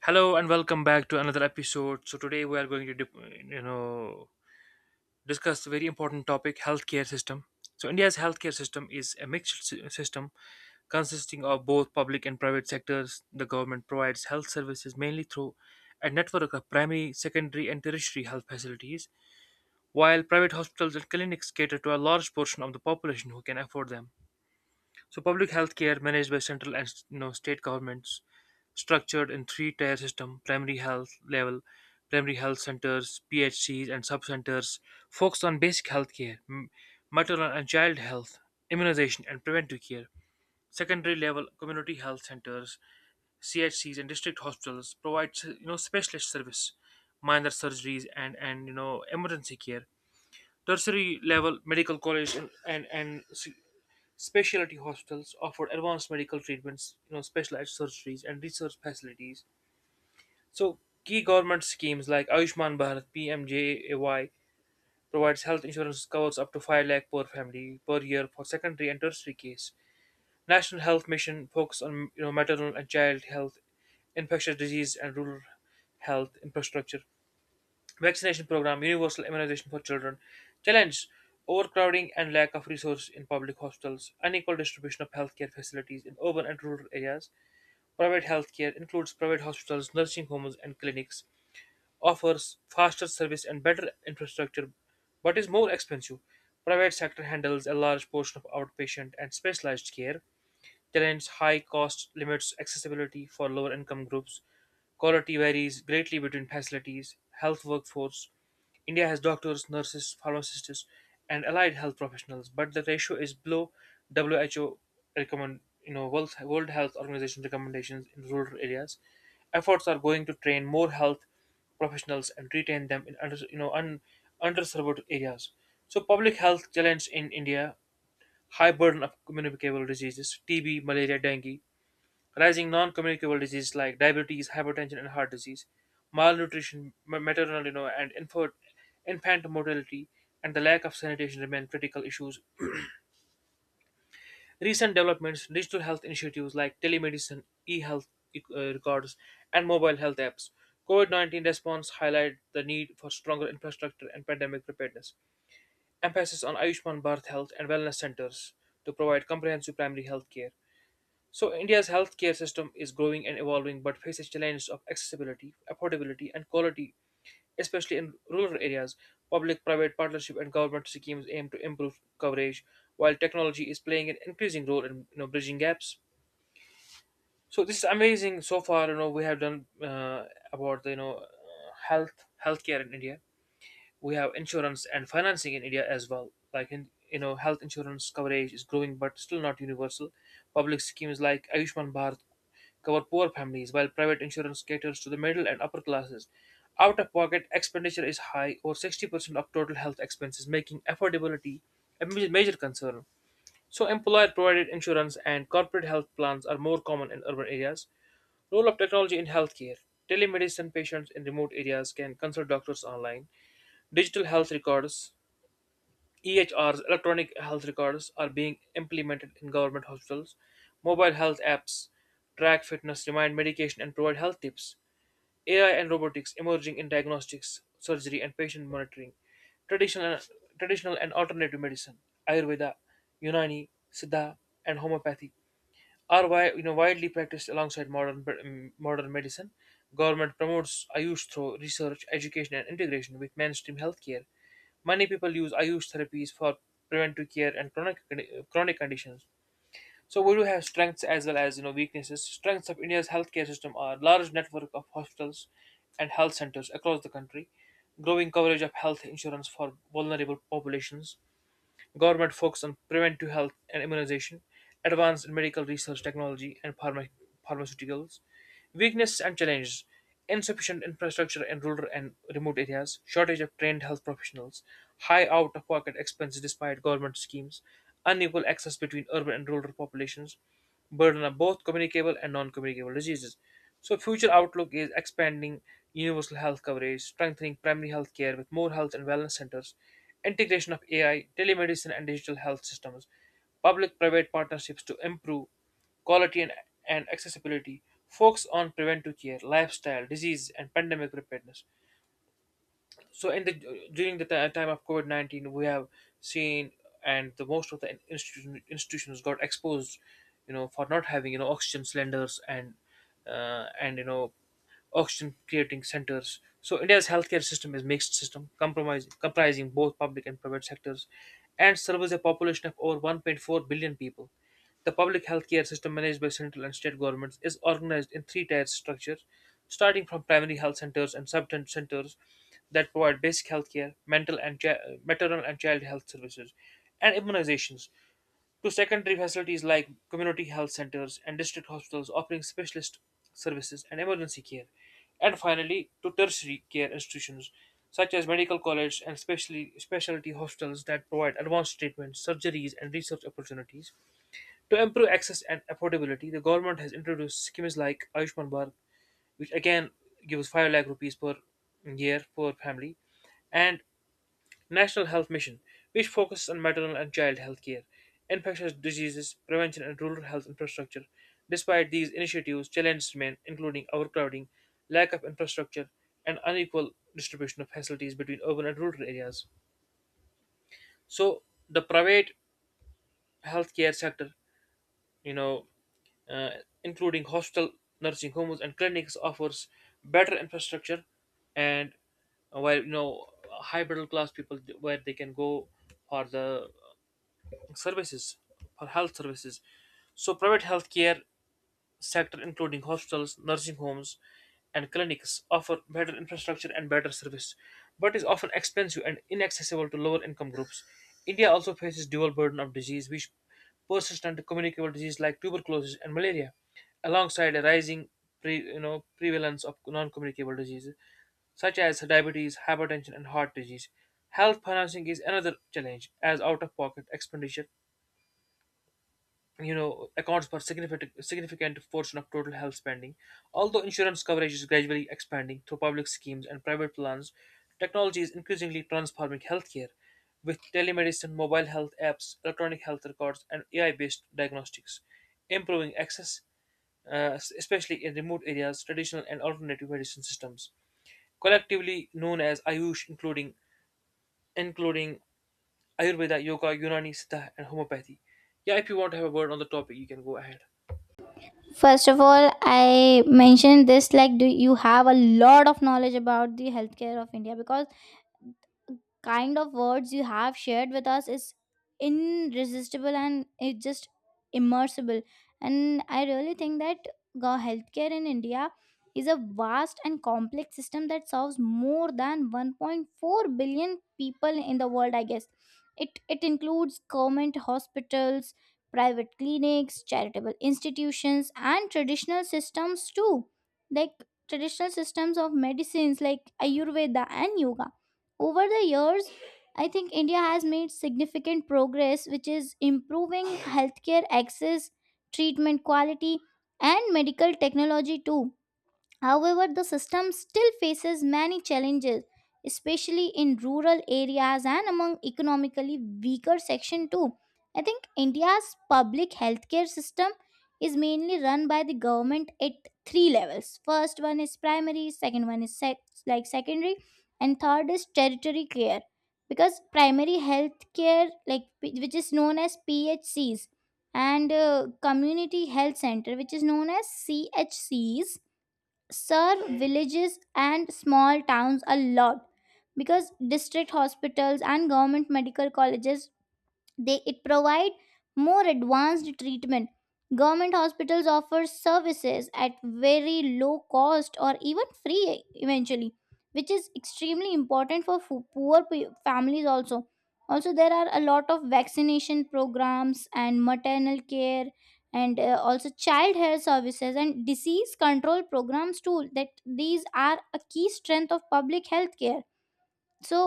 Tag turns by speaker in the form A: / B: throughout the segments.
A: Hello and welcome back to another episode. So today we are going to, you know, discuss a very important topic: healthcare system. So India's healthcare system is a mixed system consisting of both public and private sectors. The government provides health services mainly through a network of primary, secondary, and tertiary health facilities, while private hospitals and clinics cater to a large portion of the population who can afford them. So public health care managed by central and state governments, structured in three-tier system: primary health level, primary health centers, PHCs, and sub-centers, focused on basic health care, maternal and child health, immunization, and preventive care. Secondary level community health centers, CHCs, and district hospitals provide specialist service, minor surgeries, and emergency care. Tertiary level medical college and specialty hospitals offer advanced medical treatments, specialized surgeries and research facilities. So key government schemes like Ayushman Bharat (PMJAY) provides health insurance covers up to 5 lakh per family per year for secondary and tertiary case. National Health Mission focus on maternal and child health, infectious disease and rural health infrastructure vaccination program, universal immunization for children. Challenge overcrowding and lack of resources in public hospitals, unequal distribution of healthcare facilities in urban and rural areas. Private healthcare includes private hospitals, nursing homes, and clinics, offers faster service and better infrastructure, but is more expensive. Private sector handles a large portion of outpatient and specialized care. Talent's high cost limits accessibility for lower income groups. Quality varies greatly between facilities, health workforce. India has doctors, nurses, pharmacists, and allied health professionals, but the ratio is below WHO recommend World Health Organization recommendations in rural areas. Efforts are going to train more health professionals and retain them in underserved areas. So public health challenge in India high burden of communicable diseases, TB, malaria, dengue, rising non communicable diseases like diabetes, hypertension, and heart disease, malnutrition, maternal and infant mortality, and the lack of sanitation remain critical issues. Recent developments, digital health initiatives like telemedicine, e health records, and mobile health apps. COVID 19 response highlight the need for stronger infrastructure and pandemic preparedness. Emphasis on Ayushman Bharat Health and Wellness Centers to provide comprehensive primary health care. So, India's healthcare system is growing and evolving but faces challenges of accessibility, affordability, and quality, especially in rural areas. Public private partnership and government schemes aim to improve coverage, while technology is playing an increasing role in bridging gaps. So, this is amazing so far. You know, we have done about the healthcare in India. We have insurance and financing in India as well. Health insurance coverage is growing but still not universal. Public schemes like Ayushman Bharat cover poor families, while private insurance caters to the middle and upper classes. Out of pocket expenditure is high, over 60% of total health expenses, making affordability a major concern. So, employer provided insurance and corporate health plans are more common in urban areas. Role of technology in healthcare telemedicine patients in remote areas can consult doctors online. Digital health records, EHRs, electronic health records, are being implemented in government hospitals. Mobile health apps track fitness, remind medication, and provide health tips. AI and robotics emerging in diagnostics, surgery, and patient monitoring. Traditional, traditional and alternative medicine, Ayurveda, Unani, Siddha, and homeopathy are widely practiced alongside modern medicine. Government promotes Ayush through research, education, and integration with mainstream healthcare. Many people use Ayush therapies for preventive care and chronic conditions. So we do have strengths as well as weaknesses. Strengths of India's healthcare system are large network of hospitals and health centers across the country, growing coverage of health insurance for vulnerable populations, government focus on preventive health and immunization, advance in medical research technology and pharmaceuticals. Weakness and challenges insufficient infrastructure in rural and remote areas, shortage of trained health professionals, high out of pocket expenses despite government schemes, unequal access between urban and rural populations, burden of both communicable and non-communicable diseases. So, future outlook is expanding universal health coverage, strengthening primary health care with more health and wellness centers, integration of AI, telemedicine, and digital health systems, public-private partnerships to improve quality and accessibility, focus on preventive care, lifestyle, disease, and pandemic preparedness. So in the time of COVID 19, we have seen and the most of the institutions got exposed, for not having oxygen cylinders and uh, and you know oxygen creating centers. So India's healthcare system is mixed system, comprising both public and private sectors, and serves a population of over 1.4 billion people. The public healthcare system managed by central and state governments is organized in three-tier structure, starting from primary health centers and sub-tent centers that provide basic healthcare, maternal and child health services, and immunizations to secondary facilities like community health centers and district hospitals offering specialist services and emergency care, and finally to tertiary care institutions such as medical college and specially specialty hospitals that provide advanced treatments, surgeries, and research opportunities. To improve access and affordability, the government has introduced schemes like Ayushman Bharat, which again gives 5 lakh rupees per year per family, and National Health Mission, which focuses on maternal and child health care, infectious diseases, prevention, and rural health infrastructure. Despite these initiatives, challenges remain, including overcrowding, lack of infrastructure, and unequal distribution of facilities between urban and rural areas. So, the private healthcare sector, you know, uh, including hospital, nursing homes, and clinics, offers better infrastructure and where high middle class people where they can go for the services for health services. So private healthcare sector including hospitals, nursing homes and clinics offer better infrastructure and better service, but is often expensive and inaccessible to lower income groups. India also faces dual burden of disease which persistent communicable disease like tuberculosis and malaria, alongside a rising prevalence of non-communicable diseases such as diabetes, hypertension, and heart disease. Health financing is another challenge, as out of pocket expenditure accounts for significant portion of total health spending although insurance coverage is gradually expanding through public schemes and private plans. Technology is increasingly transforming healthcare with telemedicine mobile health apps electronic health records and ai based diagnostics improving access, especially in remote areas. Traditional and alternative medicine systems collectively known as ayush including ayurveda yoga unani siddha and homeopathy. Yeah, if you want to have a word on the topic you can go ahead.
B: First of all, I mentioned this like, do you have a lot of knowledge about the healthcare of India? Because kind of words you have shared with us is irresistible and it's just immersible. And I really think that the healthcare in India is a vast and complex system that serves more than 1.4 billion people in the world, I guess. It includes government hospitals, private clinics, charitable institutions, and traditional systems too, like traditional systems of medicines like ayurveda and yoga. Over the years, I think India has made significant progress, which is improving healthcare access, treatment quality, and medical technology too. However, the system still faces many challenges, especially in rural areas and among economically weaker section too. I think India's public healthcare system is mainly run by the government at three levels. First one is primary, second one is like secondary, and third is territory care. Because primary healthcare, which is known as PHCs, and community health center, which is known as CHCs, serve villages and small towns a lot, because district hospitals and government medical colleges, they it provide more advanced treatment. Government hospitals offer services at very low cost or even free eventually, which is extremely important for poor families also. Also, there are a lot of vaccination programs and maternal care and also child health services and disease control programs too, that these are a key strength of public health care. So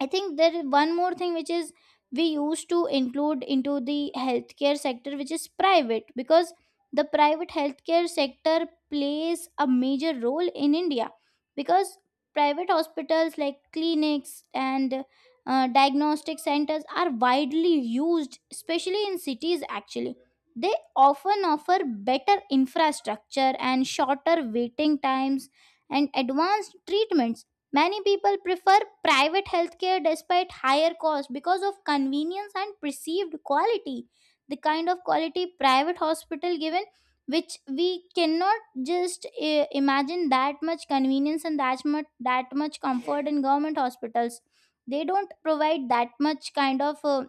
B: I think there is one more thing, which is we used to include into the healthcare sector, which is private, because the private healthcare sector plays a major role in India. Because private hospitals like clinics and diagnostic centers are widely used, especially in cities, actually. They often offer better infrastructure and shorter waiting times and advanced treatments. Many people prefer private healthcare despite higher cost because of convenience and perceived quality. The kind of quality private hospital given, which we cannot just imagine that much convenience and that much comfort in government hospitals. They don't provide that much kind of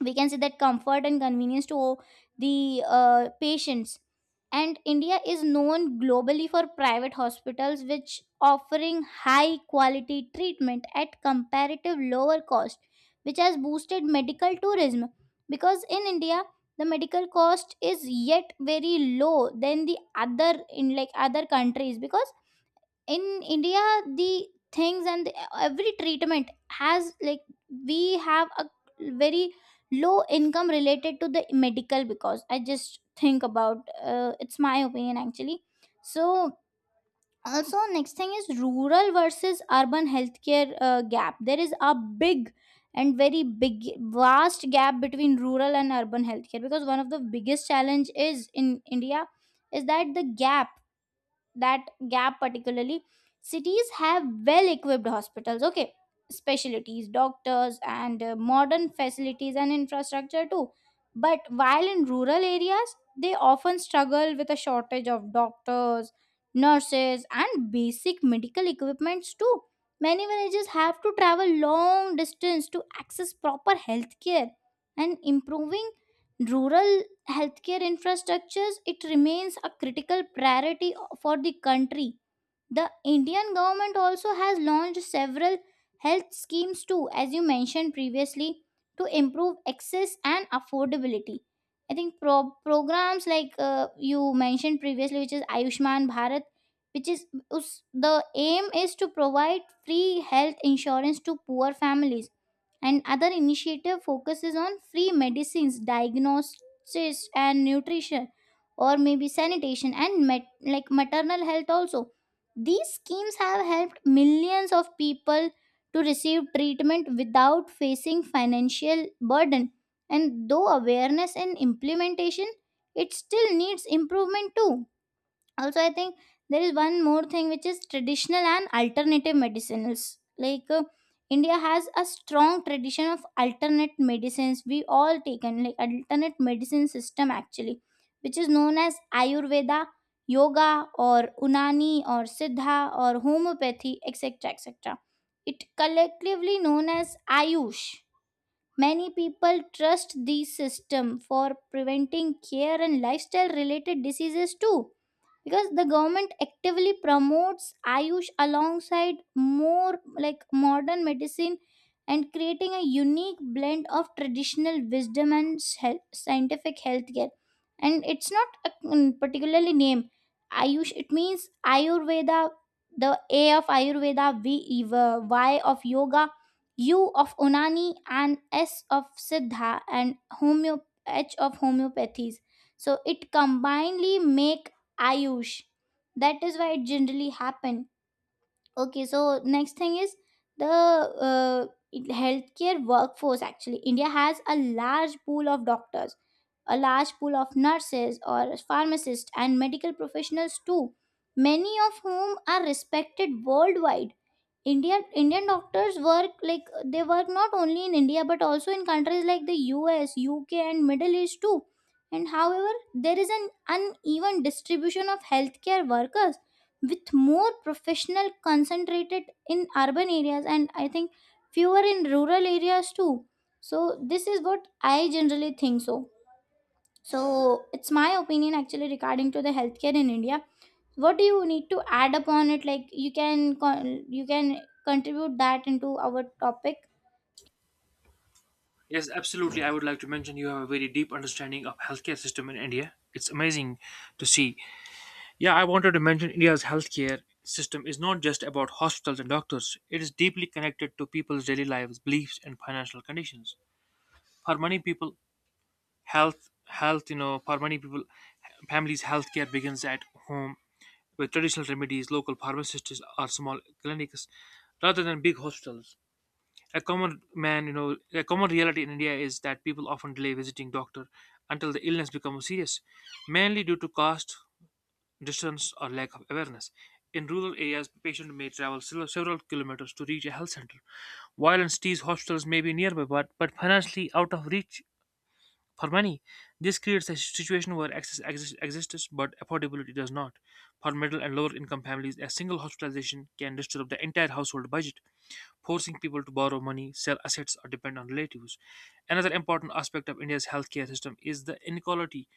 B: we can say that comfort and convenience to the patients. And India is known globally for private hospitals which offering high quality treatment at comparative lower cost, which has boosted medical tourism, because in India the medical cost is yet very low than the other in like other countries, because in India the things, every treatment has like we have a very low income related to the medical, because I just think about it's my opinion actually. So also next thing is rural versus urban healthcare gap. There is a big and very big vast gap between rural and urban healthcare, because one of the biggest challenge is in India is that the gap, that gap particularly, cities have well equipped hospitals, okay, specialties doctors and modern facilities and infrastructure too. But while in rural areas, they often struggle with a shortage of doctors, nurses, and basic medical equipments too. Many villages have to travel long distance to access proper health care. And improving rural healthcare infrastructures, it remains a critical priority for the country. The Indian government also has launched several health schemes too, as you mentioned previously, to improve access and affordability. I think programs like you mentioned previously, which is Ayushman Bharat, which is the aim is to provide free health insurance to poor families, and other initiative focuses on free medicines, diagnosis, and nutrition, or maybe sanitation and like maternal health also. These schemes have helped millions of people to receive treatment without facing financial burden. And though awareness and implementation, it still needs improvement too. Also, I think there is one more thing, which is traditional and alternative medicines, like India has a strong tradition of alternate medicines. We all taken like alternate medicine system actually, which is known as ayurveda, yoga, or unani, or siddha, or homeopathy, etc, etc. It collectively known as ayush. Many people trust these system for preventing care and lifestyle related diseases too, because the government actively promotes ayush alongside more like modern medicine and creating a unique blend of traditional wisdom and health, scientific healthcare. And it's not a particularly name. Ayush, it means ayurveda, the A of ayurveda, V Eva, Y of yoga, U of unani, and S of siddha, and homeo H of homeopathies. So it combinedly make ayush. That is why it generally happen. Okay, so next thing is the healthcare workforce. Actually, India has a large pool of doctors, a large pool of nurses or pharmacists and medical professionals too, many of whom are respected worldwide. Indian doctors work like they work not only in India but also in countries like the US, UK, and Middle East too. And however, there is an uneven distribution of healthcare workers, with more professional concentrated in urban areas, and I think fewer in rural areas too. So this is what I generally think so. So it's my opinion actually regarding to the healthcare in India. What do you need to add upon it? Like you can you can contribute that into our topic.
A: Yes, absolutely. I would like to mention you have a very deep understanding of healthcare system in India. It's amazing to see. Yeah, I wanted to mention India's healthcare system is not just about hospitals and doctors. It is deeply connected to people's daily lives, beliefs, and financial conditions. For many people, for many people, families' healthcare begins at home with traditional remedies, local pharmacists, or small clinics, rather than big hospitals. A common man, you know, a common reality in India is that people often delay visiting doctor until the illness becomes serious, mainly due to cost, distance, or lack of awareness. In rural areas, patient may travel several kilometers to reach a health center, while in cities, hospitals may be nearby but financially out of reach for many. This creates a situation where access exist- exists but affordability does not. For middle and lower income families, a single hospitalization can disturb the entire household budget, forcing people to borrow money, sell assets, or depend on relatives. Another important aspect of India's healthcare system is the inequality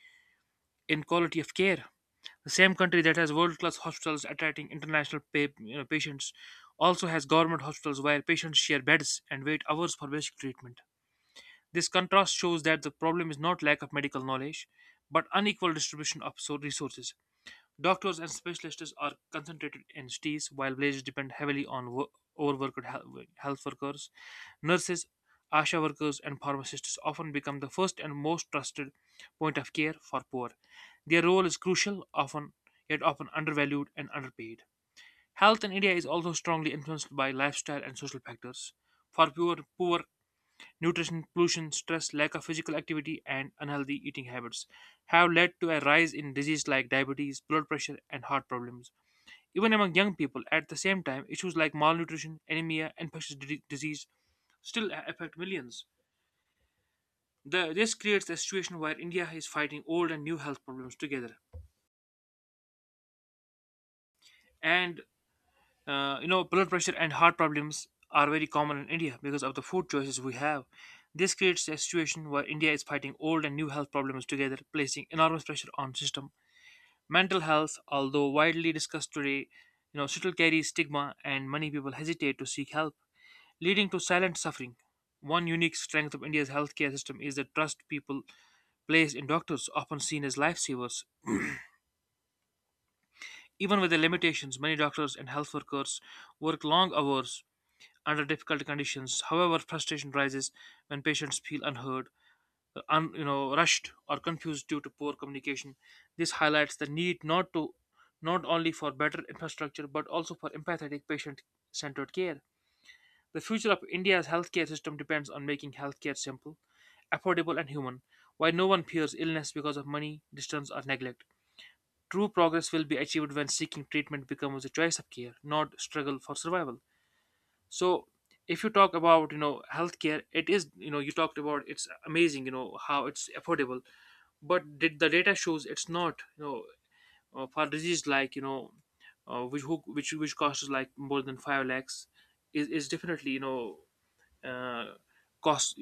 A: in quality of care. The same country that has world-class hospitals attracting international patients also has government hospitals where patients share beds and wait hours for basic treatment. This contrast shows that the problem is not lack of medical knowledge, but unequal distribution of resources. Doctors and specialists are concentrated in cities, while villages depend heavily on overworked health workers. Nurses, ASHA workers, and pharmacists often become the first and most trusted point of care for poor. Their role is crucial, often yet often undervalued and underpaid. Health in India is also strongly influenced by lifestyle and social factors. Poor nutrition, pollution, stress, lack of physical activity, and unhealthy eating habits have led to a rise in diseases like diabetes, blood pressure, and heart problems. Even among young people, at the same time, issues like malnutrition, anemia, and infectious disease still affect millions. This creates a situation where India is fighting old and new health problems together. And Blood pressure and heart problems are very common in India because of the food choices we have. This creates a situation where India is fighting old and new health problems together, placing enormous pressure on system. Mental health, although widely discussed today, still carries stigma and many people hesitate to seek help, leading to silent suffering. One unique strength of India's healthcare system is the trust people place in doctors, often seen as lifesavers. Even with the limitations, many doctors and health workers work long hours under difficult conditions. However, frustration rises when patients feel unheard, rushed or confused due to poor communication. This highlights the need not only for better infrastructure but also for empathetic patient-centered care. The future of India's healthcare system depends on making healthcare simple, affordable and human, why no one fears illness because of money, distance or neglect. True progress will be achieved when seeking treatment becomes a choice of care, not struggle for survival. So if you talk about, you know, healthcare, it is, you know, you talked about it's amazing, you know, how it's affordable, but did the data shows it's not, for disease like, which which costs like more than 5 lakhs is definitely, uh, cost.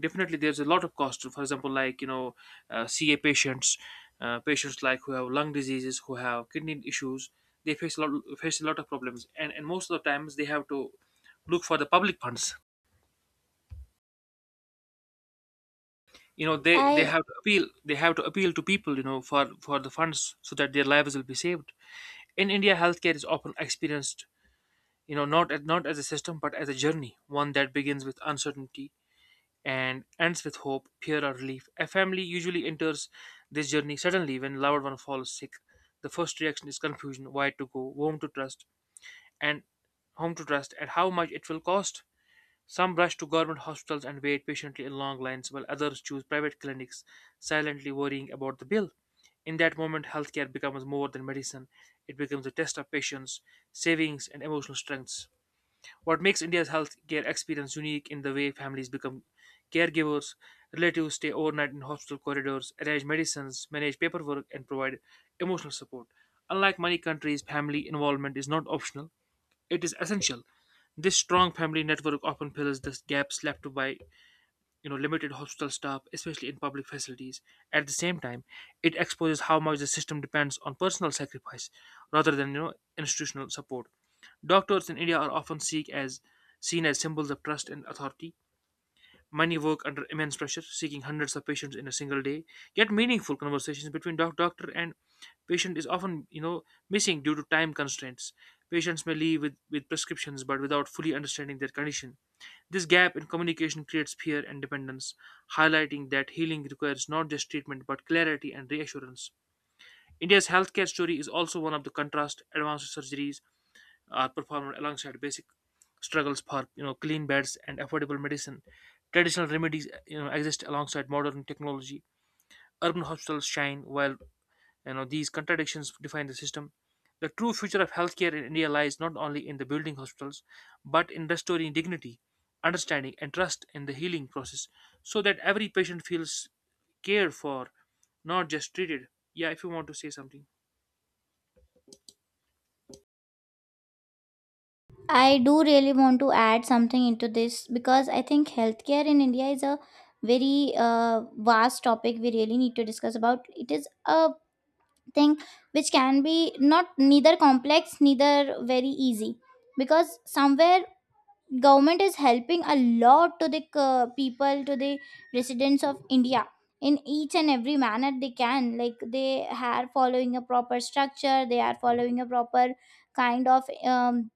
A: Definitely there's a lot of cost, for example, like, you know ca patients, patients like who have lung diseases, who have kidney issues, they face a lot, face a lot of problems, and most of the times they have to look for the public funds. You know, they
B: i
A: have to appeal, they have to appeal to people, you know, for the funds, so that their lives will be saved. In India, healthcare is often experienced, you know, not as a system but as a journey, one that begins with uncertainty and ends with hope, fear, or relief. A family usually enters this journey suddenly when a loved one falls sick. The first reaction is confusion: where to go, whom to trust, and how much it will cost. Some rush to government hospitals and wait patiently in long lines, while others choose private clinics, silently worrying about the bill. In that moment, healthcare becomes more than medicine. It becomes a test of patience, savings, and emotional strengths. What makes India's healthcare experience unique in the way families become caregivers, relatives stay overnight in hospital corridors, arrange medicines, manage paperwork, and provide emotional support. Unlike many countries, family involvement is not optional, it is essential. This strong family network often fills the gaps left by, you know, limited hospital staff, especially in public facilities. At the same time, it exposes how much the system depends on personal sacrifice rather than, you know, institutional support. Doctors in India are often seek as seen as symbols of trust and authority. Many work under immense pressure, seeking hundreds of patients in a single day. Yet, meaningful conversations between doctor and patient is often, missing due to time constraints. Patients may leave with prescriptions but without fully understanding their condition. This gap in communication creates fear and dependence, highlighting that healing requires not just treatment but clarity and reassurance. India's healthcare story is also one of the contrast: advanced surgeries are performed alongside basic struggles for, you know, clean beds and affordable medicine. Traditional remedies, you know, exist alongside modern technology. Urban hospitals shine while, you know, these contradictions define the system. The true future of healthcare in India lies not only in the building hospitals, but in restoring dignity, understanding, and trust in the healing process, so that every patient feels cared for, not just treated. Yeah, if you want to say something.
B: i do really want to add something into this, because I think healthcare in India is a very vast topic. We really need to discuss about it. Is a thing which can be not neither complex neither very easy, because somewhere government is helping a lot to the people, to the residents of India in each and every manner they can. Like they are following a proper structure, they are following a proper kind of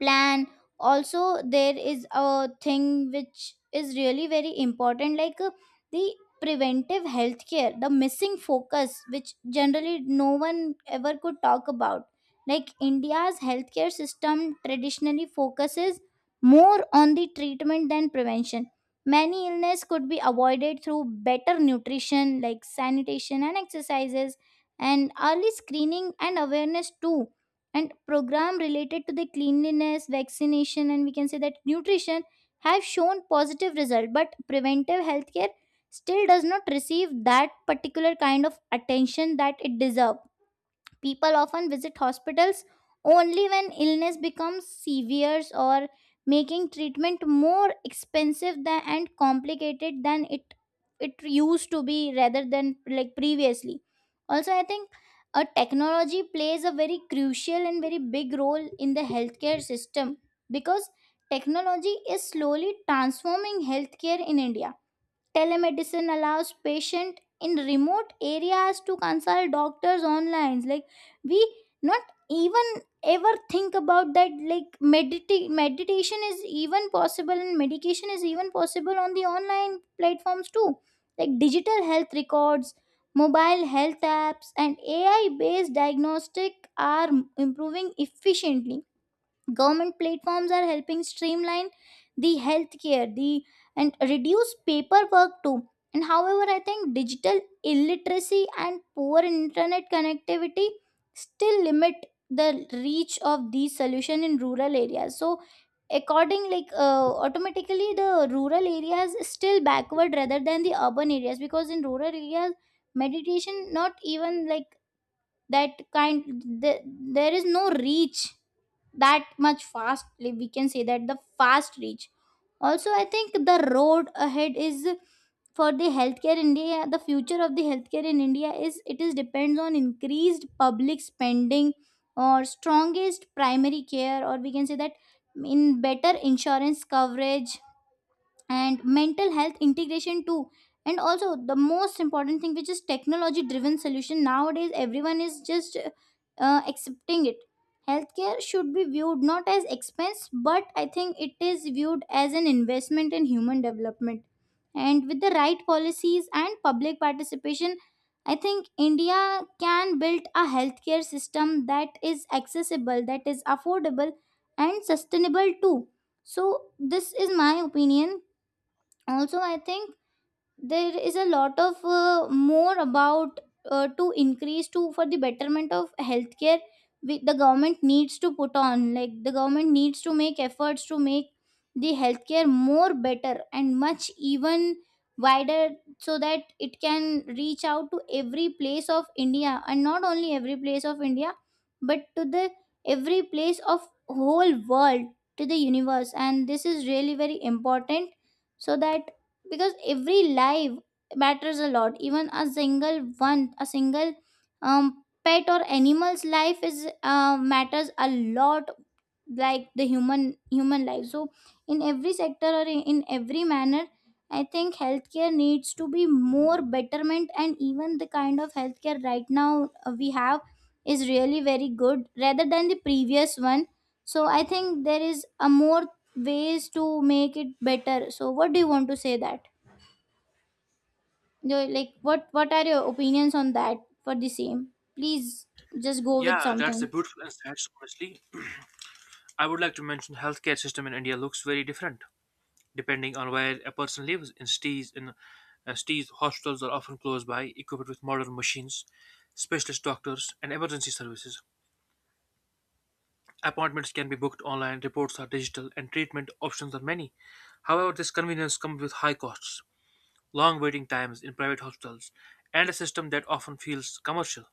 B: plan. Also there is a thing which is really very important, like the preventive health care, the missing focus, which generally no one ever could talk about. Like India's healthcare system traditionally focuses more on the treatment than prevention. Many illness could be avoided through better nutrition like sanitation and exercises, and early screening and awareness too. And program related to the cleanliness, vaccination, and we can say that nutrition, have shown positive result, but preventive healthcare still does not receive that particular kind of attention that it deserve. People often visit hospitals only when illness becomes severe, or making treatment more expensive than, and complicated than it used to be rather than like previously. Also, I think a technology plays a very crucial and very big role in the healthcare system, because technology is slowly transforming healthcare in India. Telemedicine allows patient in remote areas to consult doctors online, like we not even ever think about that, like meditation is even possible and medication is even possible on the online platforms too. Like digital health records, mobile health apps and AI based diagnostic are improving efficiently. Government platforms are helping streamline the healthcare the and reduce paperwork too. And however, I think digital illiteracy and poor internet connectivity still limit the reach of these solutions in rural areas. So according like automatically the rural areas still backward rather than the urban areas, because in rural areas meditation not even like that kind there is no reach that much fast, we can say that the fast reach. Also, I think the road ahead is for the healthcare India. The future of the healthcare in India is it is depends on increased public spending, or strongest primary care, or we can say that in better insurance coverage and mental health integration too. And also the most important thing, which is technology driven solution. Nowadays everyone is just accepting it. Healthcare should be viewed not as expense, but I think it is viewed as an investment in human development. And with the right policies and public participation, I think India can build a healthcare system that is accessible, that is affordable and sustainable too. So this is my opinion. Also, I think there is a lot of more about to increase to for the betterment of healthcare. We, the government needs to put on, like the government needs to make efforts to make the healthcare more better and much even wider, so that it can reach out to every place of India, and not only every place of India, but to the every place of whole world, to the universe. And this is really very important, so that, because every life matters a lot. Even a single one, a single pet or animal's life is matters a lot, like the human life. So in every sector or in every manner, I think healthcare needs to be more betterment. And even the kind of healthcare right now we have is really very good rather than the previous one. So I think there is a more ways to make it better. So what do you want to say that? No, like what are your opinions on that for the same? Please just go with
A: Yeah, that's a
B: something.
A: beautiful insight, honestly. I would like to mention healthcare system in India looks very different depending on where a person lives. In cities, hospitals are often close by, equipped with modern machines, specialist doctors, and emergency services. Appointments can be booked online, reports are digital, and treatment options are many. However, this convenience comes with high costs, long waiting times in private hospitals, and a system that often feels commercial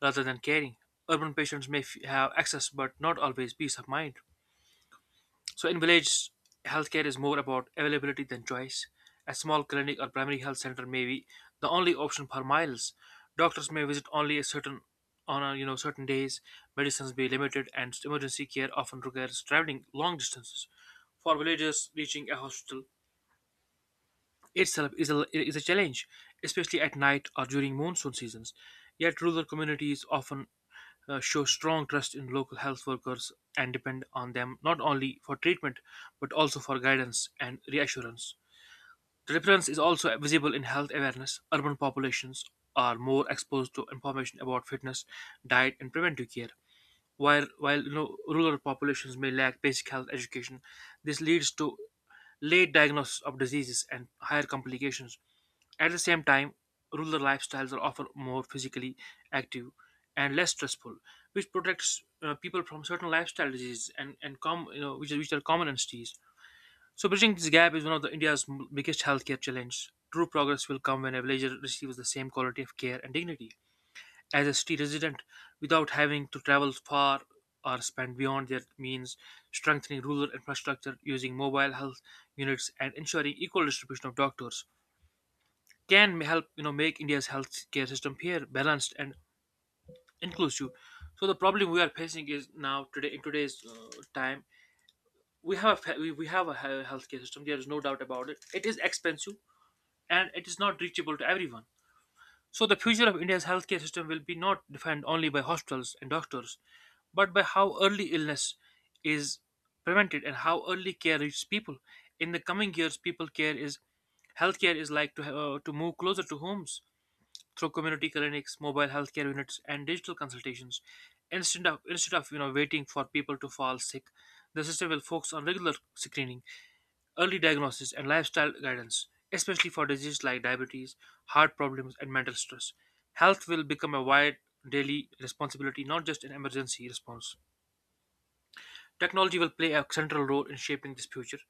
A: rather than caring. Urban patients have access but not always peace of mind. So in village, healthcare is more about availability than choice. A small clinic or primary health center may be the only option for miles. Doctors may visit only a certain on a, you know, certain days. Medicines may be limited, and emergency care often requires traveling long distances. For villagers, reaching a hospital itself is is a challenge, especially at night or during monsoon seasons. Yet, rural communities often show strong trust in local health workers and depend on them not only for treatment but also for guidance and reassurance. The difference is also visible in health awareness. Urban populations are more exposed to information about fitness, diet, and preventive care, while you know, rural populations may lack basic health education. This leads to late diagnosis of diseases and higher complications. At the same time, rural lifestyles are often more physically active and less stressful, which protects people from certain lifestyle diseases and you know, which are, common in cities. So bridging this gap is one of the India's biggest healthcare challenges. True progress will come when a villager receives the same quality of care and dignity as a city resident without having to travel far or spend beyond their means. Strengthening rural infrastructure using mobile health units and ensuring equal distribution of doctors can help, you know, make India's healthcare system fair, balanced, and inclusive. So the problem we are facing is now today, in today's time we we have a healthcare system. There is no doubt about it. It is expensive and it is not reachable to everyone. So the future of India's healthcare system will be not defined only by hospitals and doctors, but by how early illness is prevented and how early care reaches people. In the coming years, people care is healthcare is like to move closer to homes through community clinics, mobile healthcare units, and digital consultations. Instead of, you know, waiting for people to fall sick, the system will focus on regular screening, early diagnosis and lifestyle guidance, especially for diseases like diabetes, heart problems, and mental stress. Health will become a wide daily responsibility, not just an emergency response. Technology will play a central role in shaping this future.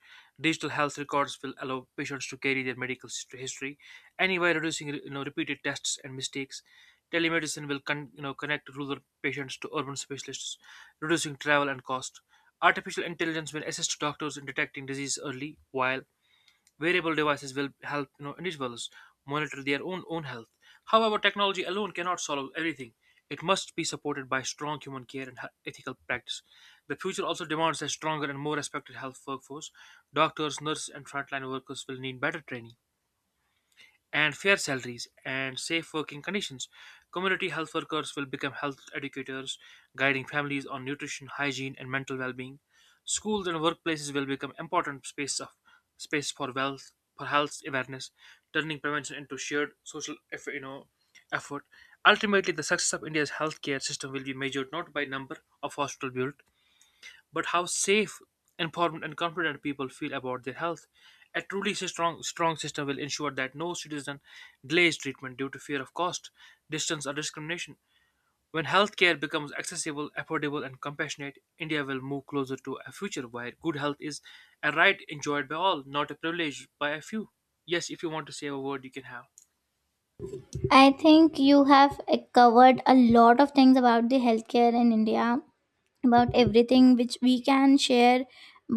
A: Digital health records will allow patients to carry their medical history, anyway reducing, you know, repeated tests and mistakes. Telemedicine will you know, connect rural patients to urban specialists, reducing travel and cost. Artificial intelligence will assist doctors in detecting disease early, while wearable devices will help, you know, individuals monitor their own health. However, technology alone cannot solve everything. It must be supported by strong human care and ethical practice. The future also demands a stronger and more respected health workforce. Doctors, nurses, and frontline workers will need better training and fair salaries and safe working conditions. Community health workers will become health educators, guiding families on nutrition, hygiene, and mental well-being. Schools and workplaces will become important space for wealth for health awareness, turning prevention into shared social effort, you know effort. Ultimately, the success of India's healthcare system will be measured not by number of hospitals built, but how safe, informed, and confident people feel about their health. A truly strong system will ensure that no citizen delays treatment due to fear of cost, distance, or discrimination. When healthcare becomes accessible, affordable, and compassionate, India will move closer to a future where good health is a right enjoyed by all, not a privilege by a few. Yes, if you want to say a word, you can have.
B: I think you have covered a lot of things about the healthcare in India, about everything which we can share.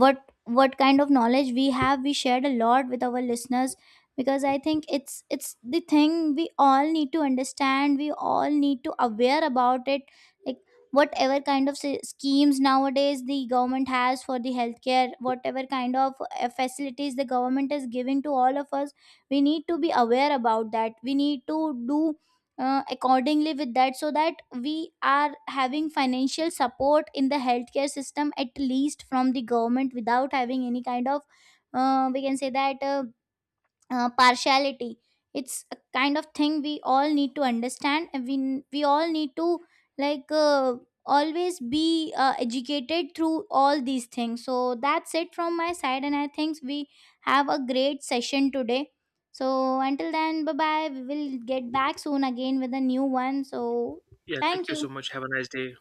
B: What kind of knowledge we have, we shared a lot with our listeners, because I think it's the thing we all need to understand, we all need to aware about it. Like whatever kind of schemes nowadays the government has for the healthcare, whatever kind of facilities the government is giving to all of us, we need to be aware about that. We need to do accordingly with that, so that we are having financial support in the healthcare system at least from the government, without having any kind of we can say that partiality. It's a kind of thing we all need to understand, and we all need to like always be educated through all these things. So that's it from my side. And I think we have a great session today. So until then, bye bye, we will get back soon again with a new one. So
A: Yeah, thank
B: thank
A: you so
B: you.
A: much. Have a nice day.